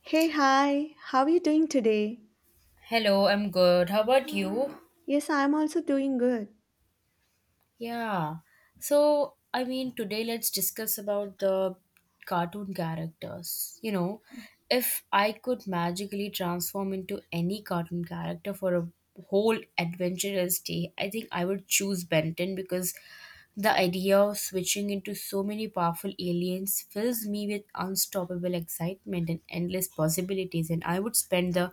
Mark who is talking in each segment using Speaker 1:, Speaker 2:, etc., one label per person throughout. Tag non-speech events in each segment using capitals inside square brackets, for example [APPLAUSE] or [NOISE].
Speaker 1: Hey, hi, how are you doing today?
Speaker 2: Hello, I'm good. How about you?
Speaker 1: Yes, I'm also doing good.
Speaker 2: Yeah. Today let's discuss about the cartoon characters. You know, if I could magically transform into any cartoon character for a whole adventurous day, I think I would choose Benton because the idea of switching into so many powerful aliens fills me with unstoppable excitement and endless possibilities, and I would spend the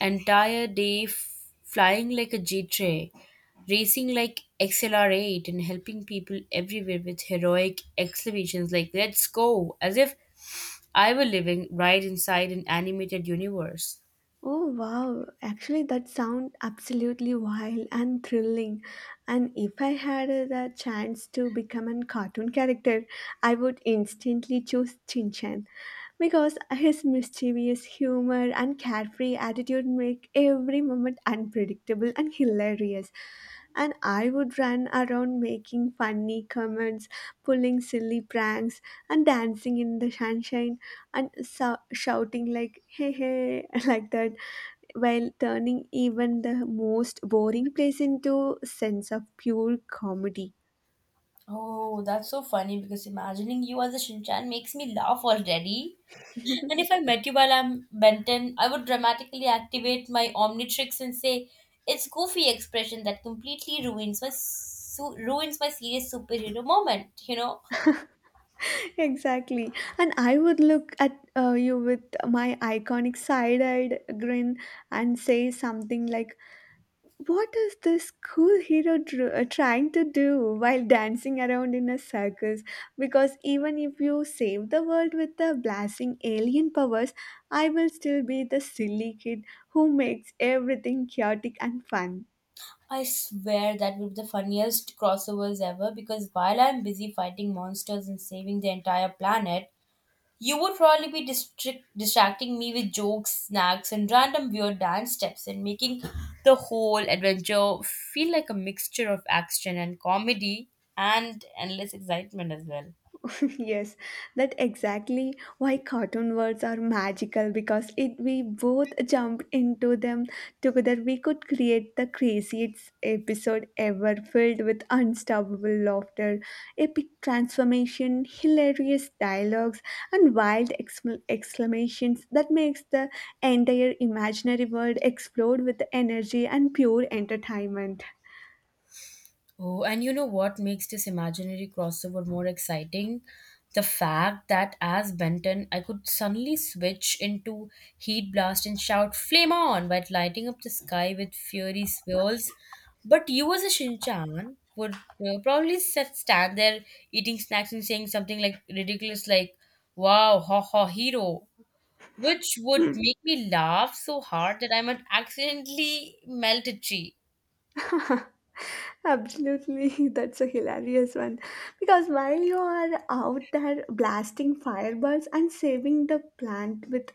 Speaker 2: entire day flying like a jet ray, racing like XLR8, and helping people everywhere with heroic exclamations like "Let's go!" as if I were living right inside an animated universe.
Speaker 1: Oh, wow, actually, that sounds absolutely wild and thrilling. And if I had the chance to become a cartoon character, I would instantly choose Chin Chan, because his mischievous humor and carefree attitude make every moment unpredictable and hilarious. And I would run around making funny comments, pulling silly pranks, and dancing in the sunshine and shouting like "hey hey" [LAUGHS] like that, while turning even the most boring place into sense of pure comedy.
Speaker 2: Oh, that's so funny because imagining you as a Shinchan makes me laugh already. And if I met you while I'm Benton, I would dramatically activate my Omnitrix and say, "It's goofy expression that completely ruins my serious superhero moment."
Speaker 1: Exactly. And I would look at you with my iconic side eyed grin and say something like, what is this cool hero trying to do while dancing around in a circus? Because even if you save the world with the blasting alien powers, I will still be the silly kid who makes everything chaotic and fun.
Speaker 2: I swear that would be the funniest crossovers ever because while I'm busy fighting monsters and saving the entire planet, you would probably be distracting me with jokes, snacks, and random weird dance steps, and making the whole adventure feel like a mixture of action and comedy and endless excitement as well.
Speaker 1: [LAUGHS] Yes, that exactly why cartoon words are magical because it we both jumped into them together, we could create the craziest episode ever filled with unstoppable laughter, epic transformation, hilarious dialogues, and wild exclamations that makes the entire imaginary world explode with energy and pure entertainment.
Speaker 2: Oh, and you know what makes this imaginary crossover more exciting? The fact that as Benton, I could suddenly switch into Heat Blast and shout "Flame on!" while lighting up the sky with fiery swirls. But you, as a Shinchan, would probably stand there eating snacks and saying something like ridiculous, like "Wow, ha ha, hero!" which would make me laugh so hard that I might accidentally melt a tree.
Speaker 1: [LAUGHS] Absolutely, [LAUGHS] that's a hilarious one. Because while you are out there blasting fireballs and saving the plant with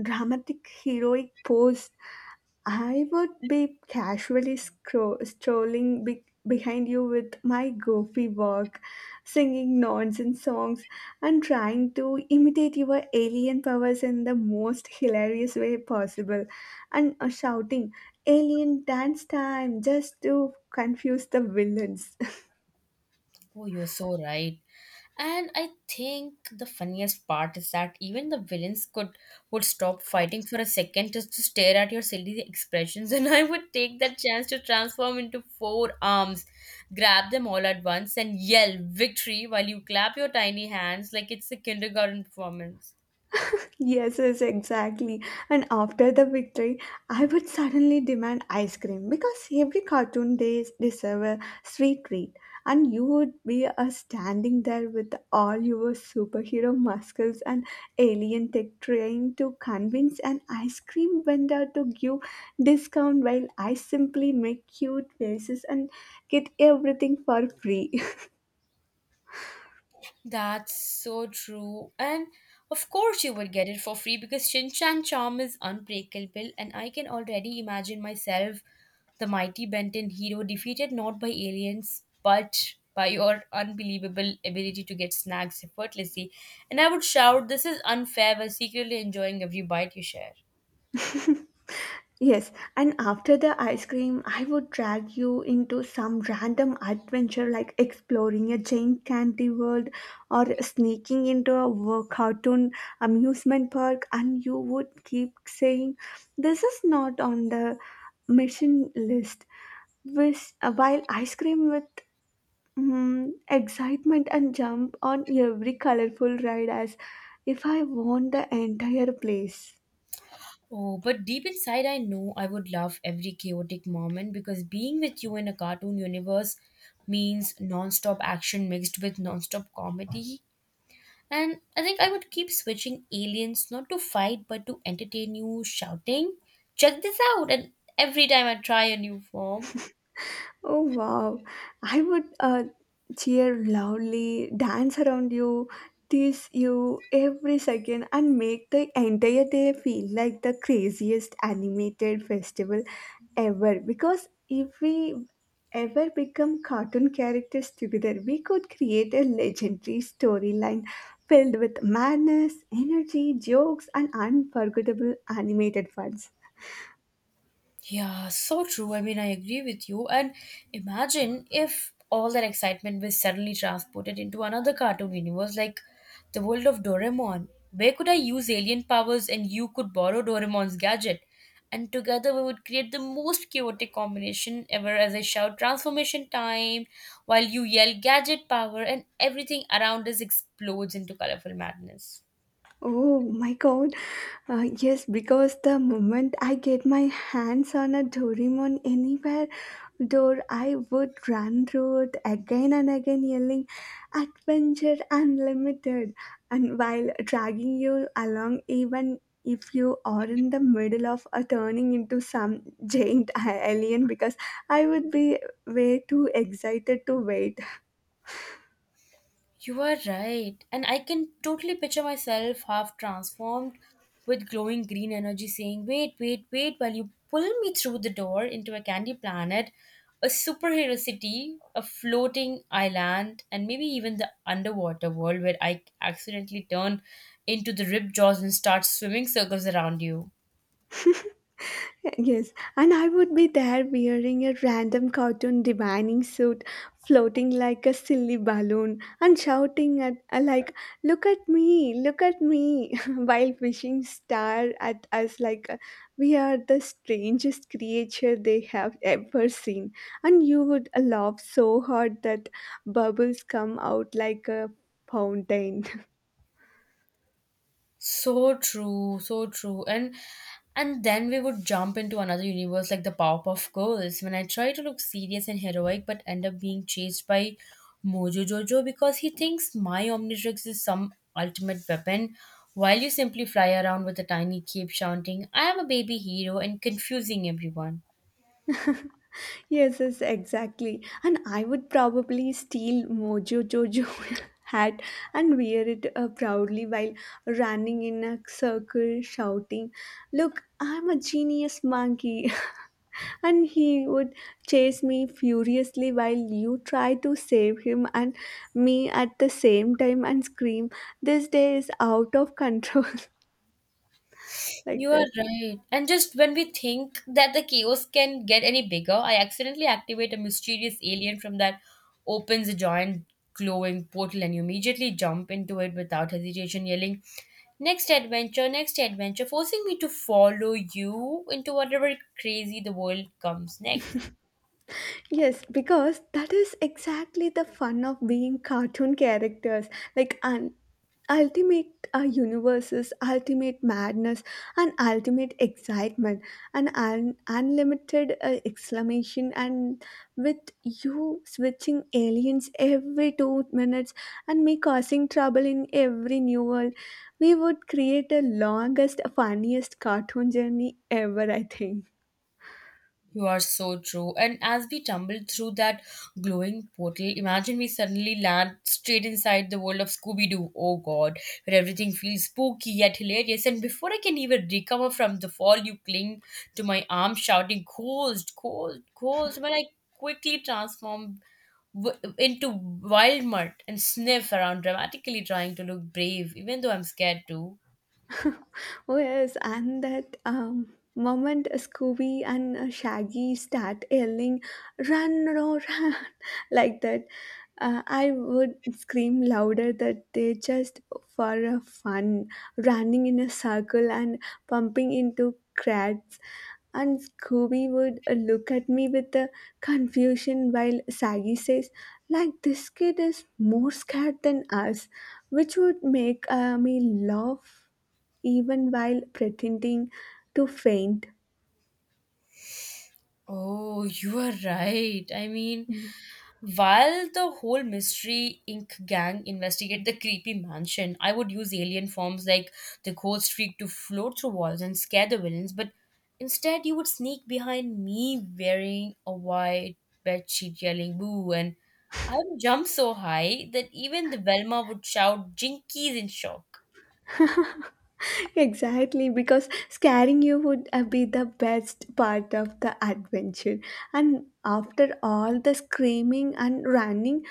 Speaker 1: dramatic heroic pose, I would be casually strolling behind you with my goofy walk, singing nonsense songs, and trying to imitate your alien powers in the most hilarious way possible, and shouting, "Alien dance time," just to confuse the villains. [LAUGHS]
Speaker 2: Oh, you're so right. And I think the funniest part is that even the villains could would stop fighting for a second just to stare at your silly expressions, [LAUGHS] and I would take that chance to transform into four arms, grab them all at once, and yell victory while you clap your tiny hands like it's a kindergarten performance.
Speaker 1: Yes, yes, exactly. And after the victory, I would suddenly demand ice cream because every cartoon they deserve a sweet treat. And you would be standing there with all your superhero muscles and alien tech trying to convince an ice cream vendor to give discount while I simply make cute faces and get everything for free.
Speaker 2: That's so true. And of course, you would get it for free because Shin Chan charm is unbreakable, and I can already imagine myself, the mighty Benton hero, defeated not by aliens but by your unbelievable ability to get snacks effortlessly. And I would shout, "This is unfair," while secretly enjoying every bite you share.
Speaker 1: [LAUGHS] Yes, and after the ice cream, I would drag you into some random adventure like exploring a giant candy world or sneaking into a cartoon amusement park, and you would keep saying, "This is not on the mission list." Which, while ice cream with excitement and jump on every colorful ride as if I won the entire place.
Speaker 2: Oh, but deep inside, I know I would love every chaotic moment because being with you in a cartoon universe means non-stop action mixed with non-stop comedy. And I think I would keep switching aliens, not to fight, but to entertain you, shouting, "Check this out," and every time I try a new form.
Speaker 1: Oh wow, I would cheer loudly, dance around you, tease you every second, and make the entire day feel like the craziest animated festival ever. Because if we ever become cartoon characters together, we could create a legendary storyline filled with madness, energy, jokes, and unforgettable animated fun.
Speaker 2: Yeah, so true. I mean, I agree with you. And imagine if all that excitement was suddenly transported into another cartoon universe, like the world of Doraemon. Where could I use alien powers and you could borrow Doraemon's gadget? And together we would create the most chaotic combination ever as I shout transformation time while you yell gadget power and everything around us explodes into colorful madness.
Speaker 1: Oh my god. Yes, because the moment I get my hands on a Doraemon anywhere door, I would run through it again and again, yelling, "Adventure Unlimited!" And while dragging you along, even if you are in the middle of a turning into some giant [LAUGHS] alien, because I would be way too excited to wait.
Speaker 2: You are right. And I can totally picture myself half transformed with glowing green energy saying, "Wait, wait, wait," while you pull me through the door into a candy planet, a superhero city, a floating island, and maybe even the underwater world where I accidentally turn into the rip jaws and start swimming circles around you.
Speaker 1: [LAUGHS] [LAUGHS] Yes, and I would be there wearing a random cartoon divining suit, floating like a silly balloon, and shouting at like, "Look at me! Look at me!" [LAUGHS] while wishing star at us like we are the strangest creature they have ever seen, and you would laugh so hard that bubbles come out like a fountain.
Speaker 2: So true, so true. And then we would jump into another universe like the Powerpuff Girls when I try to look serious and heroic but end up being chased by Mojo Jojo because he thinks my Omnitrix is some ultimate weapon while you simply fly around with a tiny cape shouting, "I am a baby hero," and confusing everyone.
Speaker 1: Yes, yes, exactly. And I would probably steal Mojo Jojo [LAUGHS] hat and wear it proudly while running in a circle shouting, "Look, I'm a genius monkey." [LAUGHS] And he would chase me furiously while you try to save him and me at the same time and scream, "This day is out of control," [LAUGHS] like
Speaker 2: You are
Speaker 1: that.
Speaker 2: right. And just when we think that the chaos can get any bigger, I accidentally activate a mysterious alien from that opens a giant glowing portal and you immediately jump into it without hesitation, yelling, "Next adventure, next adventure," forcing me to follow you into whatever crazy the world comes next.
Speaker 1: Yes, because that is exactly the fun of being cartoon characters, like an ultimate universes, ultimate madness, and ultimate excitement, an unlimited exclamation, and with you switching aliens every 2 minutes, and me causing trouble in every new world, we would create the longest, funniest cartoon journey ever, I think.
Speaker 2: You are so true. And as we tumble through that glowing portal, imagine we suddenly land straight inside the world of Scooby Doo. Oh god, where everything feels spooky yet hilarious. And before I can even recover from the fall, you cling to my arm, shouting, "Ghost, ghost, ghost." When I quickly transform into wild mud and sniff around, dramatically trying to look brave, even though I'm scared too.
Speaker 1: Oh yes, and that moment Scooby and Shaggy start yelling, "Run, no, run!" [LAUGHS] like that, I would scream louder that they just for a fun running in a circle and pumping into cracks and Scooby would look at me with confusion while Saggy says, like this kid is more scared than us, which would make me laugh even while pretending to faint.
Speaker 2: Oh, you are right. While the whole mystery ink gang investigate the creepy mansion, I would use alien forms like the ghost freak to float through walls and scare the villains, but instead you would sneak behind me wearing a white bedsheet yelling boo and I would jump so high that even the Velma would shout jinkies in shock.
Speaker 1: Exactly, because scaring you would be the best part of the adventure and after all the screaming and running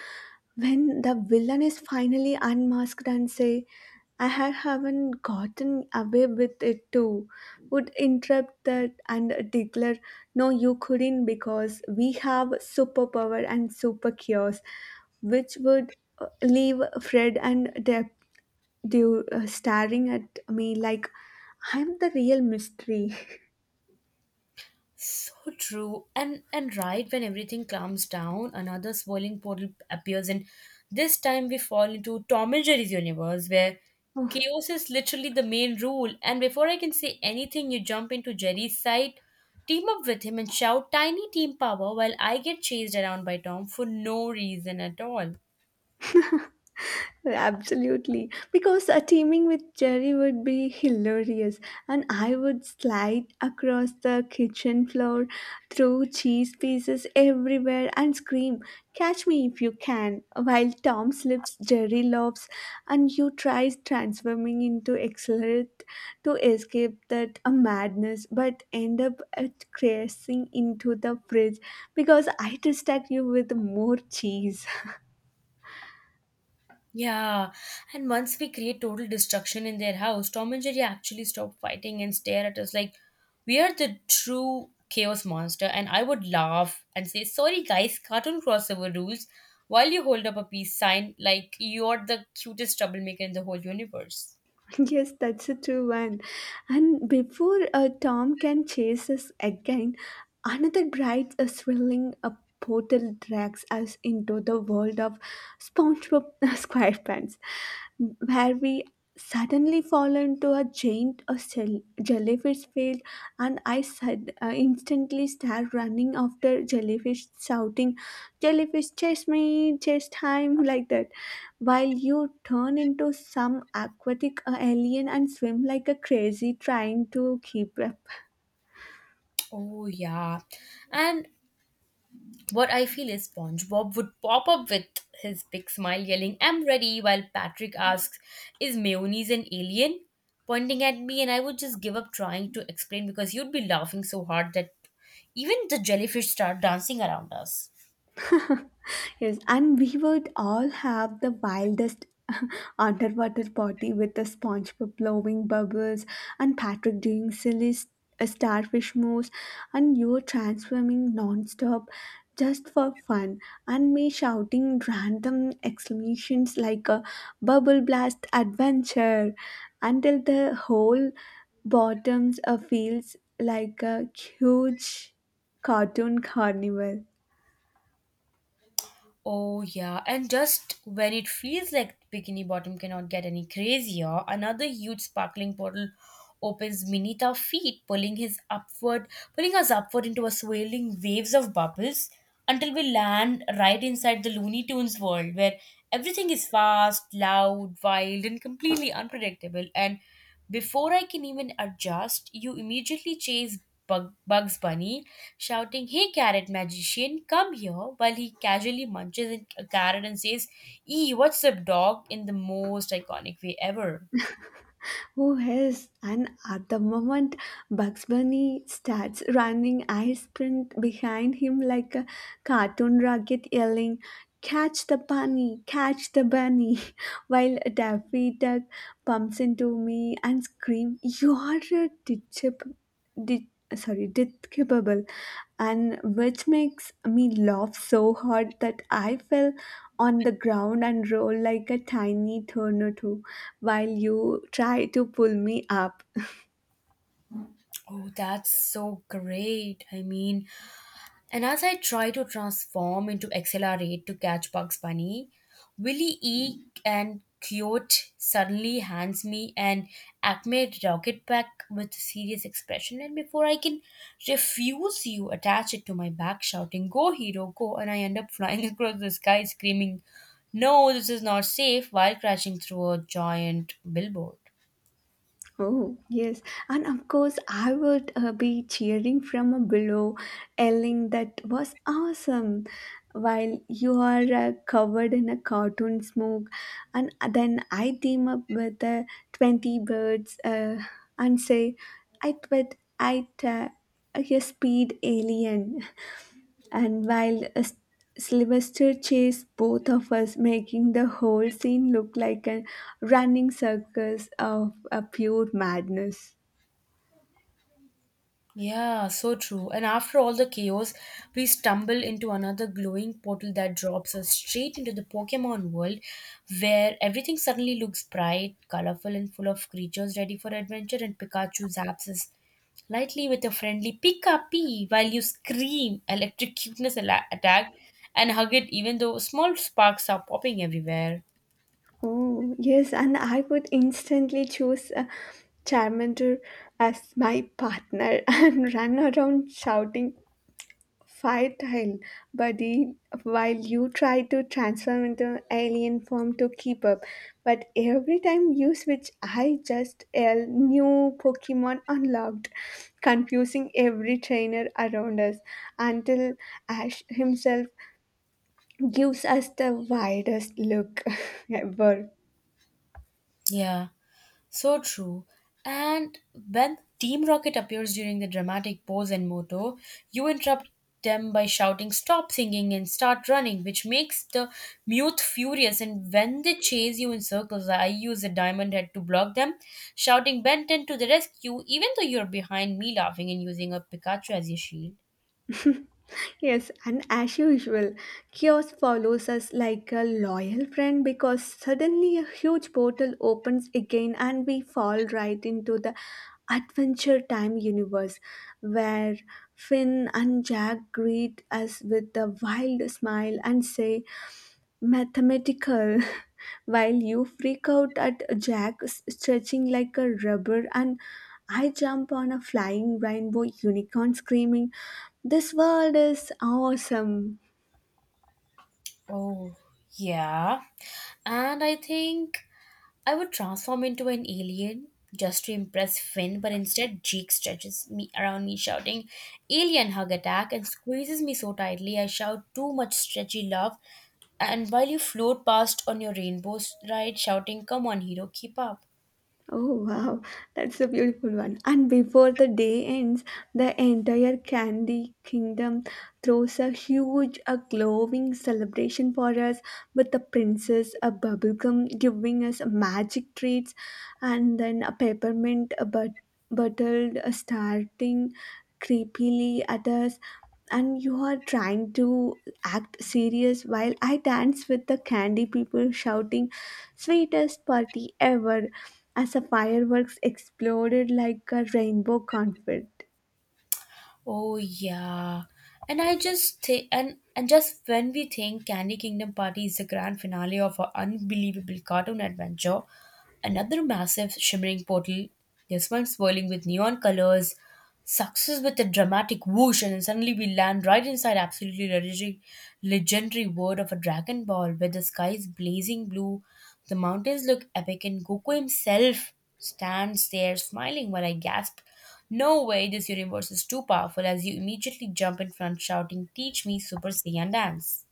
Speaker 1: when the villain is finally unmasked and say, "I haven't gotten away with it too," would interrupt that and declare, "No, you couldn't, because we have superpower and super cures," which would leave Fred and Deb, they were staring at me like I'm the real mystery. [LAUGHS]
Speaker 2: So true. And right when everything calms down, another swirling portal appears and this time we fall into Tom and Jerry's universe where
Speaker 1: Oh,
Speaker 2: chaos is literally the main rule and before I can say anything you jump into Jerry's side, team up with him and shout tiny team power while I get chased around by Tom for no reason at all.
Speaker 1: absolutely, because teaming with Jerry would be hilarious, and I would slide across the kitchen floor, throw cheese pieces everywhere, and scream, "Catch me if you can!" While Tom slips, Jerry lobs, and you try transforming into accelerate to escape that madness, but end up crashing into the fridge because I distract you with more cheese.
Speaker 2: Yeah, and once we create total destruction in their house, Tom and Jerry actually stop fighting and stare at us like we are the true chaos monster. And I would laugh and say, "Sorry, guys, cartoon crossover rules," while you hold up a peace sign like you're the cutest troublemaker in the whole universe.
Speaker 1: [LAUGHS] Yes, that's a true one. And before Tom can chase us again, another bright, thrilling portal drags us into the world of SpongeBob [LAUGHS] SquarePants, where we suddenly fall into a giant jellyfish field, and I instantly start running after jellyfish, shouting, "Jellyfish chase me, chase time," [LAUGHS] like that, while you turn into some aquatic alien and swim like a crazy trying to keep up.
Speaker 2: Oh, yeah. And what I feel is SpongeBob would pop up with his big smile, yelling, "I'm ready," while Patrick asks, "Is mayonnaise an alien?" pointing at me, and I would just give up trying to explain because you'd be laughing so hard that even the jellyfish start dancing around us.
Speaker 1: Yes, and we would all have the wildest [LAUGHS] underwater party with the SpongeBob blowing bubbles and Patrick doing silly starfish moves and you transforming non-stop just for fun and me shouting random exclamations like a bubble blast adventure until the whole bottoms feels like a huge cartoon carnival.
Speaker 2: Oh, yeah. And just when it feels like Bikini Bottom cannot get any crazier, another huge sparkling portal opens beneath our feet, pulling us upward into a swirling waves of bubbles until we land right inside the Looney Tunes world where everything is fast, loud, wild, and completely unpredictable. And before I can even adjust, you immediately chase Bugs Bunny, shouting, "Hey, carrot magician, come here," while he casually munches a carrot and says, "Ee, what's up, dog," in the most iconic way ever.
Speaker 1: Who is? And at the moment Bugs Bunny starts running, I sprint behind him like a cartoon rocket, yelling, "Catch the bunny, catch the bunny," [LAUGHS] while Daffy Duck bumps into me and screams, "You're a ditch de- sorry despicable," and which makes me laugh so hard that I fell on the ground and rolled like a tiny tornado while you try to pull me up.
Speaker 2: Oh, that's so great. And as I try to transform into accelerate to catch Bugs Bunny, Willie E and Coyote suddenly hands me an Acme rocket pack with serious expression, and before I can refuse you, attach it to my back, shouting, "Go, hero, go!" And I end up flying [LAUGHS] across the sky, screaming, "No, this is not safe," while crashing through a giant billboard.
Speaker 1: Oh, yes. And of course, I would be cheering from below, yelling that was awesome, while you are covered in a cartoon smoke. And then I team up with 20 birds and say, "I bet I a speed alien." [LAUGHS] And while Sylvester chased both of us, making the whole scene look like a running circus of a pure madness.
Speaker 2: Yeah, so true. And after all the chaos, we stumble into another glowing portal that drops us straight into the Pokemon world, where everything suddenly looks bright, colorful, and full of creatures ready for adventure. And Pikachu zaps us lightly with a friendly Pika Pee while you scream electric attack and hug it, even though small sparks are popping everywhere.
Speaker 1: Oh, yes, and I would instantly choose a Charmander as my partner [LAUGHS] and run around shouting, "Fight hell, buddy," while you try to transform into alien form to keep up. But every time you switch, I just yell, "New Pokemon unlocked," confusing every trainer around us until Ash himself gives us the widest look [LAUGHS] ever.
Speaker 2: Yeah. So true. And when Team Rocket appears during the dramatic pose and motto, you interrupt them by shouting, "Stop singing and start running," which makes the mute furious. And when they chase you in circles, I use a diamond head to block them, shouting, "Benton to the rescue," even though you're behind me laughing and using a Pikachu as your shield.
Speaker 1: Yes, and as usual, chaos follows us like a loyal friend because suddenly a huge portal opens again and we fall right into the Adventure Time universe where Finn and Jack greet us with a wild smile and say, "Mathematical," [LAUGHS] while you freak out at Jack stretching like a rubber and I jump on a flying rainbow unicorn screaming, "This world is awesome!"
Speaker 2: Oh, yeah. And I think I would transform into an alien just to impress Finn, but instead Jake stretches me around me shouting alien hug attack and squeezes me so tightly I shout too much stretchy love and while you float past on your rainbow ride shouting come on hero keep up.
Speaker 1: Oh wow, that's a beautiful one. And before the day ends, the entire Candy Kingdom throws a huge, a glowing celebration for us with the princess, a bubblegum giving us magic treats, and then a peppermint a but bottled starting creepily at us. And you are trying to act serious while I dance with the candy people shouting, "Sweetest party ever," as the fireworks exploded like a rainbow confetti.
Speaker 2: Oh yeah. And just when we think Candy Kingdom Party is the grand finale of our unbelievable cartoon adventure, another massive shimmering portal, this one swirling with neon colors, success with a dramatic whoosh, and suddenly we land right inside legendary world of a Dragon Ball, where the sky is blazing blue, the mountains look epic, and Goku himself stands there smiling while I gasp, "No way, this universe is too powerful," as you immediately jump in front shouting, "Teach me Super Saiyan dance."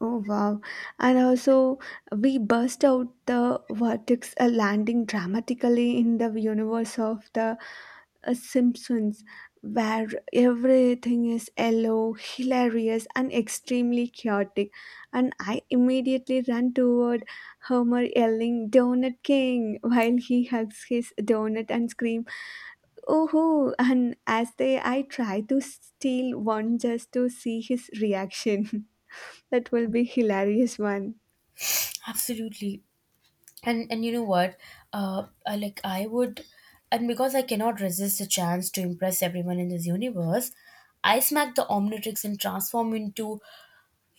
Speaker 1: Oh wow! And also, we burst out the vortex, landing dramatically in the universe of the Simpsons, where everything is yellow, hilarious, and extremely chaotic. And I immediately run toward Homer, yelling, "Donut King!" [LAUGHS] while he hugs his donut and screams. Oh, and as they, I try to steal one just to see his reaction. [LAUGHS] That will be hilarious one.
Speaker 2: Absolutely. And you know what? I, like I would, and because I cannot resist the chance to impress everyone in this universe, I smack the Omnitrix and transform into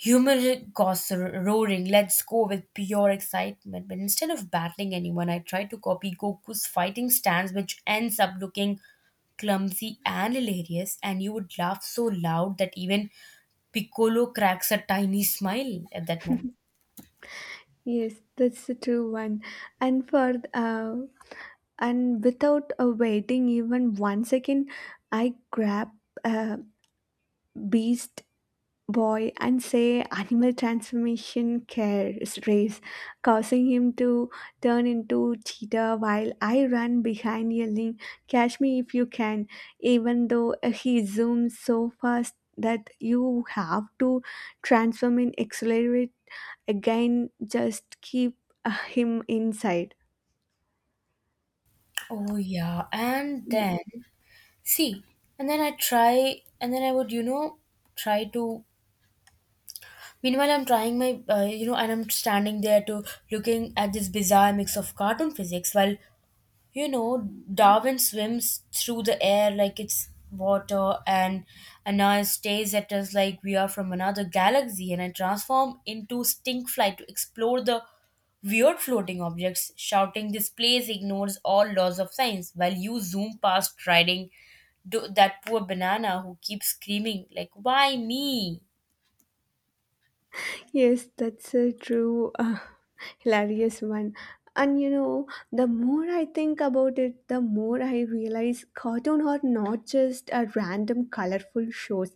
Speaker 2: Human gossip roaring, "Let's go," with pure excitement. But instead of battling anyone, I try to copy Goku's fighting stance, which ends up looking clumsy and hilarious. And you would laugh so loud that even Piccolo cracks a tiny smile at that moment.
Speaker 1: Yes, that's the true one. And for and without waiting even 1 second, I grab a beast boy and say, "Animal transformation cares race," causing him to turn into cheetah while I run behind yelling, "Catch me if you can," even though he zooms so fast that you have to transform and accelerate again, just keep him inside.
Speaker 2: Oh, yeah. And then, see, and then I try, and then I would, you know, try to. Meanwhile, I'm trying my, you know, and I'm standing there to looking at this bizarre mix of cartoon physics while You know, Darwin swims through the air like it's water, and Anna stays at us like we are from another galaxy, and I transform into stink fly to explore the weird floating objects, shouting, "This place ignores all laws of science," while you zoom past riding that poor banana who keeps screaming, like, "Why me?"
Speaker 1: Yes, that's a true, [LAUGHS] hilarious one. And you know, the more I think about it, the more I realize cartoon are not just a random colorful shows.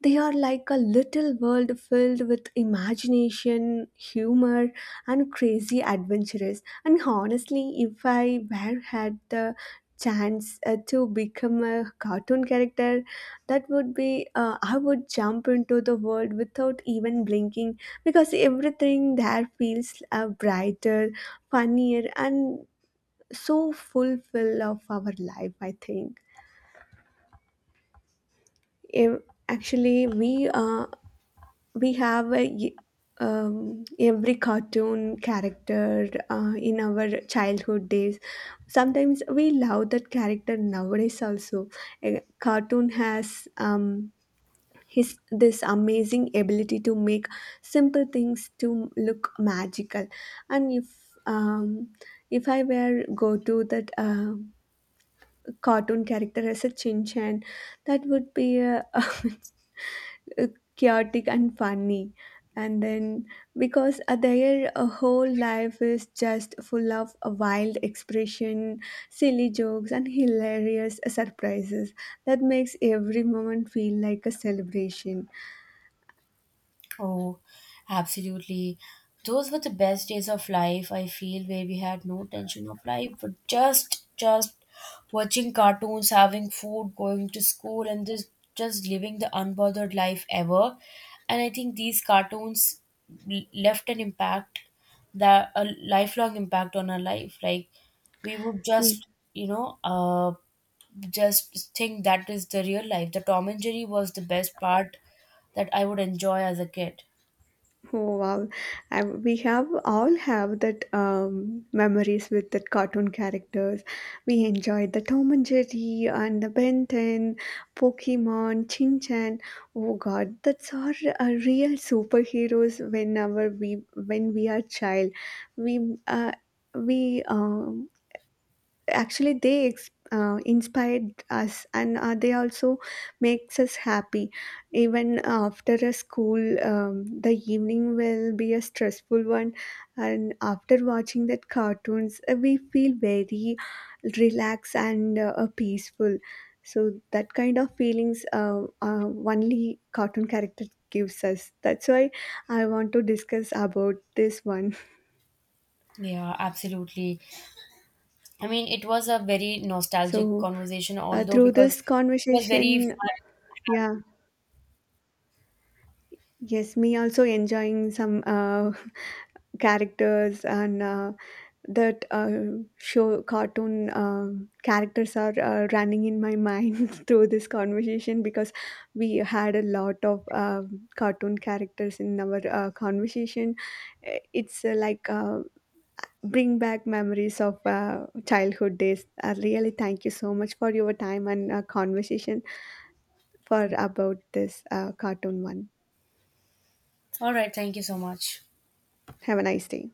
Speaker 1: They are like a little world filled with imagination, humor, and crazy adventures. And honestly, if I were had the chance to become a cartoon character, that would be I would jump into the world without even blinking because everything there feels brighter, funnier, and so fulfill of our life, I think. Ev- Actually we have every cartoon character in our childhood days. Sometimes we love that character nowadays also. A cartoon has. His this amazing ability to make simple things to look magical and um, if I were go to that cartoon character as a Chin Chan, that would be [LAUGHS] a chaotic and funny, and then because their whole life is just full of a wild expression, silly jokes and hilarious surprises that makes every moment feel like a celebration.
Speaker 2: Oh, absolutely. Those were the best days of life, I feel, where we had no tension of life, but just watching cartoons, having food, going to school and just living the unbothered life ever. And I think these left an impact that a lifelong impact on our life. Like we would
Speaker 1: Yeah.
Speaker 2: just, you know, uh just think that is the real life. The Tom and Jerry was the best part that I would enjoy as a kid.
Speaker 1: Oh wow! We have all have that memories with that cartoon characters. We enjoyed the Tom and Jerry and the Ben 10, Pokemon, Chin Chan. Oh God, that's our real superheroes. Whenever we are child, we uh, we actually they inspired us and they also makes us happy even after a school, the evening will be a stressful one, and after watching that cartoons we feel very relaxed and peaceful. So that kind of feelings only cartoon character gives us, that's why I want to discuss about this one.
Speaker 2: Yeah, absolutely. I mean, it was a very nostalgic
Speaker 1: so
Speaker 2: conversation, although
Speaker 1: Through
Speaker 2: because
Speaker 1: this
Speaker 2: it was very
Speaker 1: conversation,
Speaker 2: fun.
Speaker 1: yeah. Yes, me also enjoying some [LAUGHS] characters and that show cartoon characters are running in my mind [LAUGHS] through this conversation because we had a lot of cartoon characters in our conversation. Eh, it's like bring back memories of childhood days. Really, thank you so much for your time and conversation for about this cartoon one.
Speaker 2: All right, thank you so much.
Speaker 1: Have a nice day.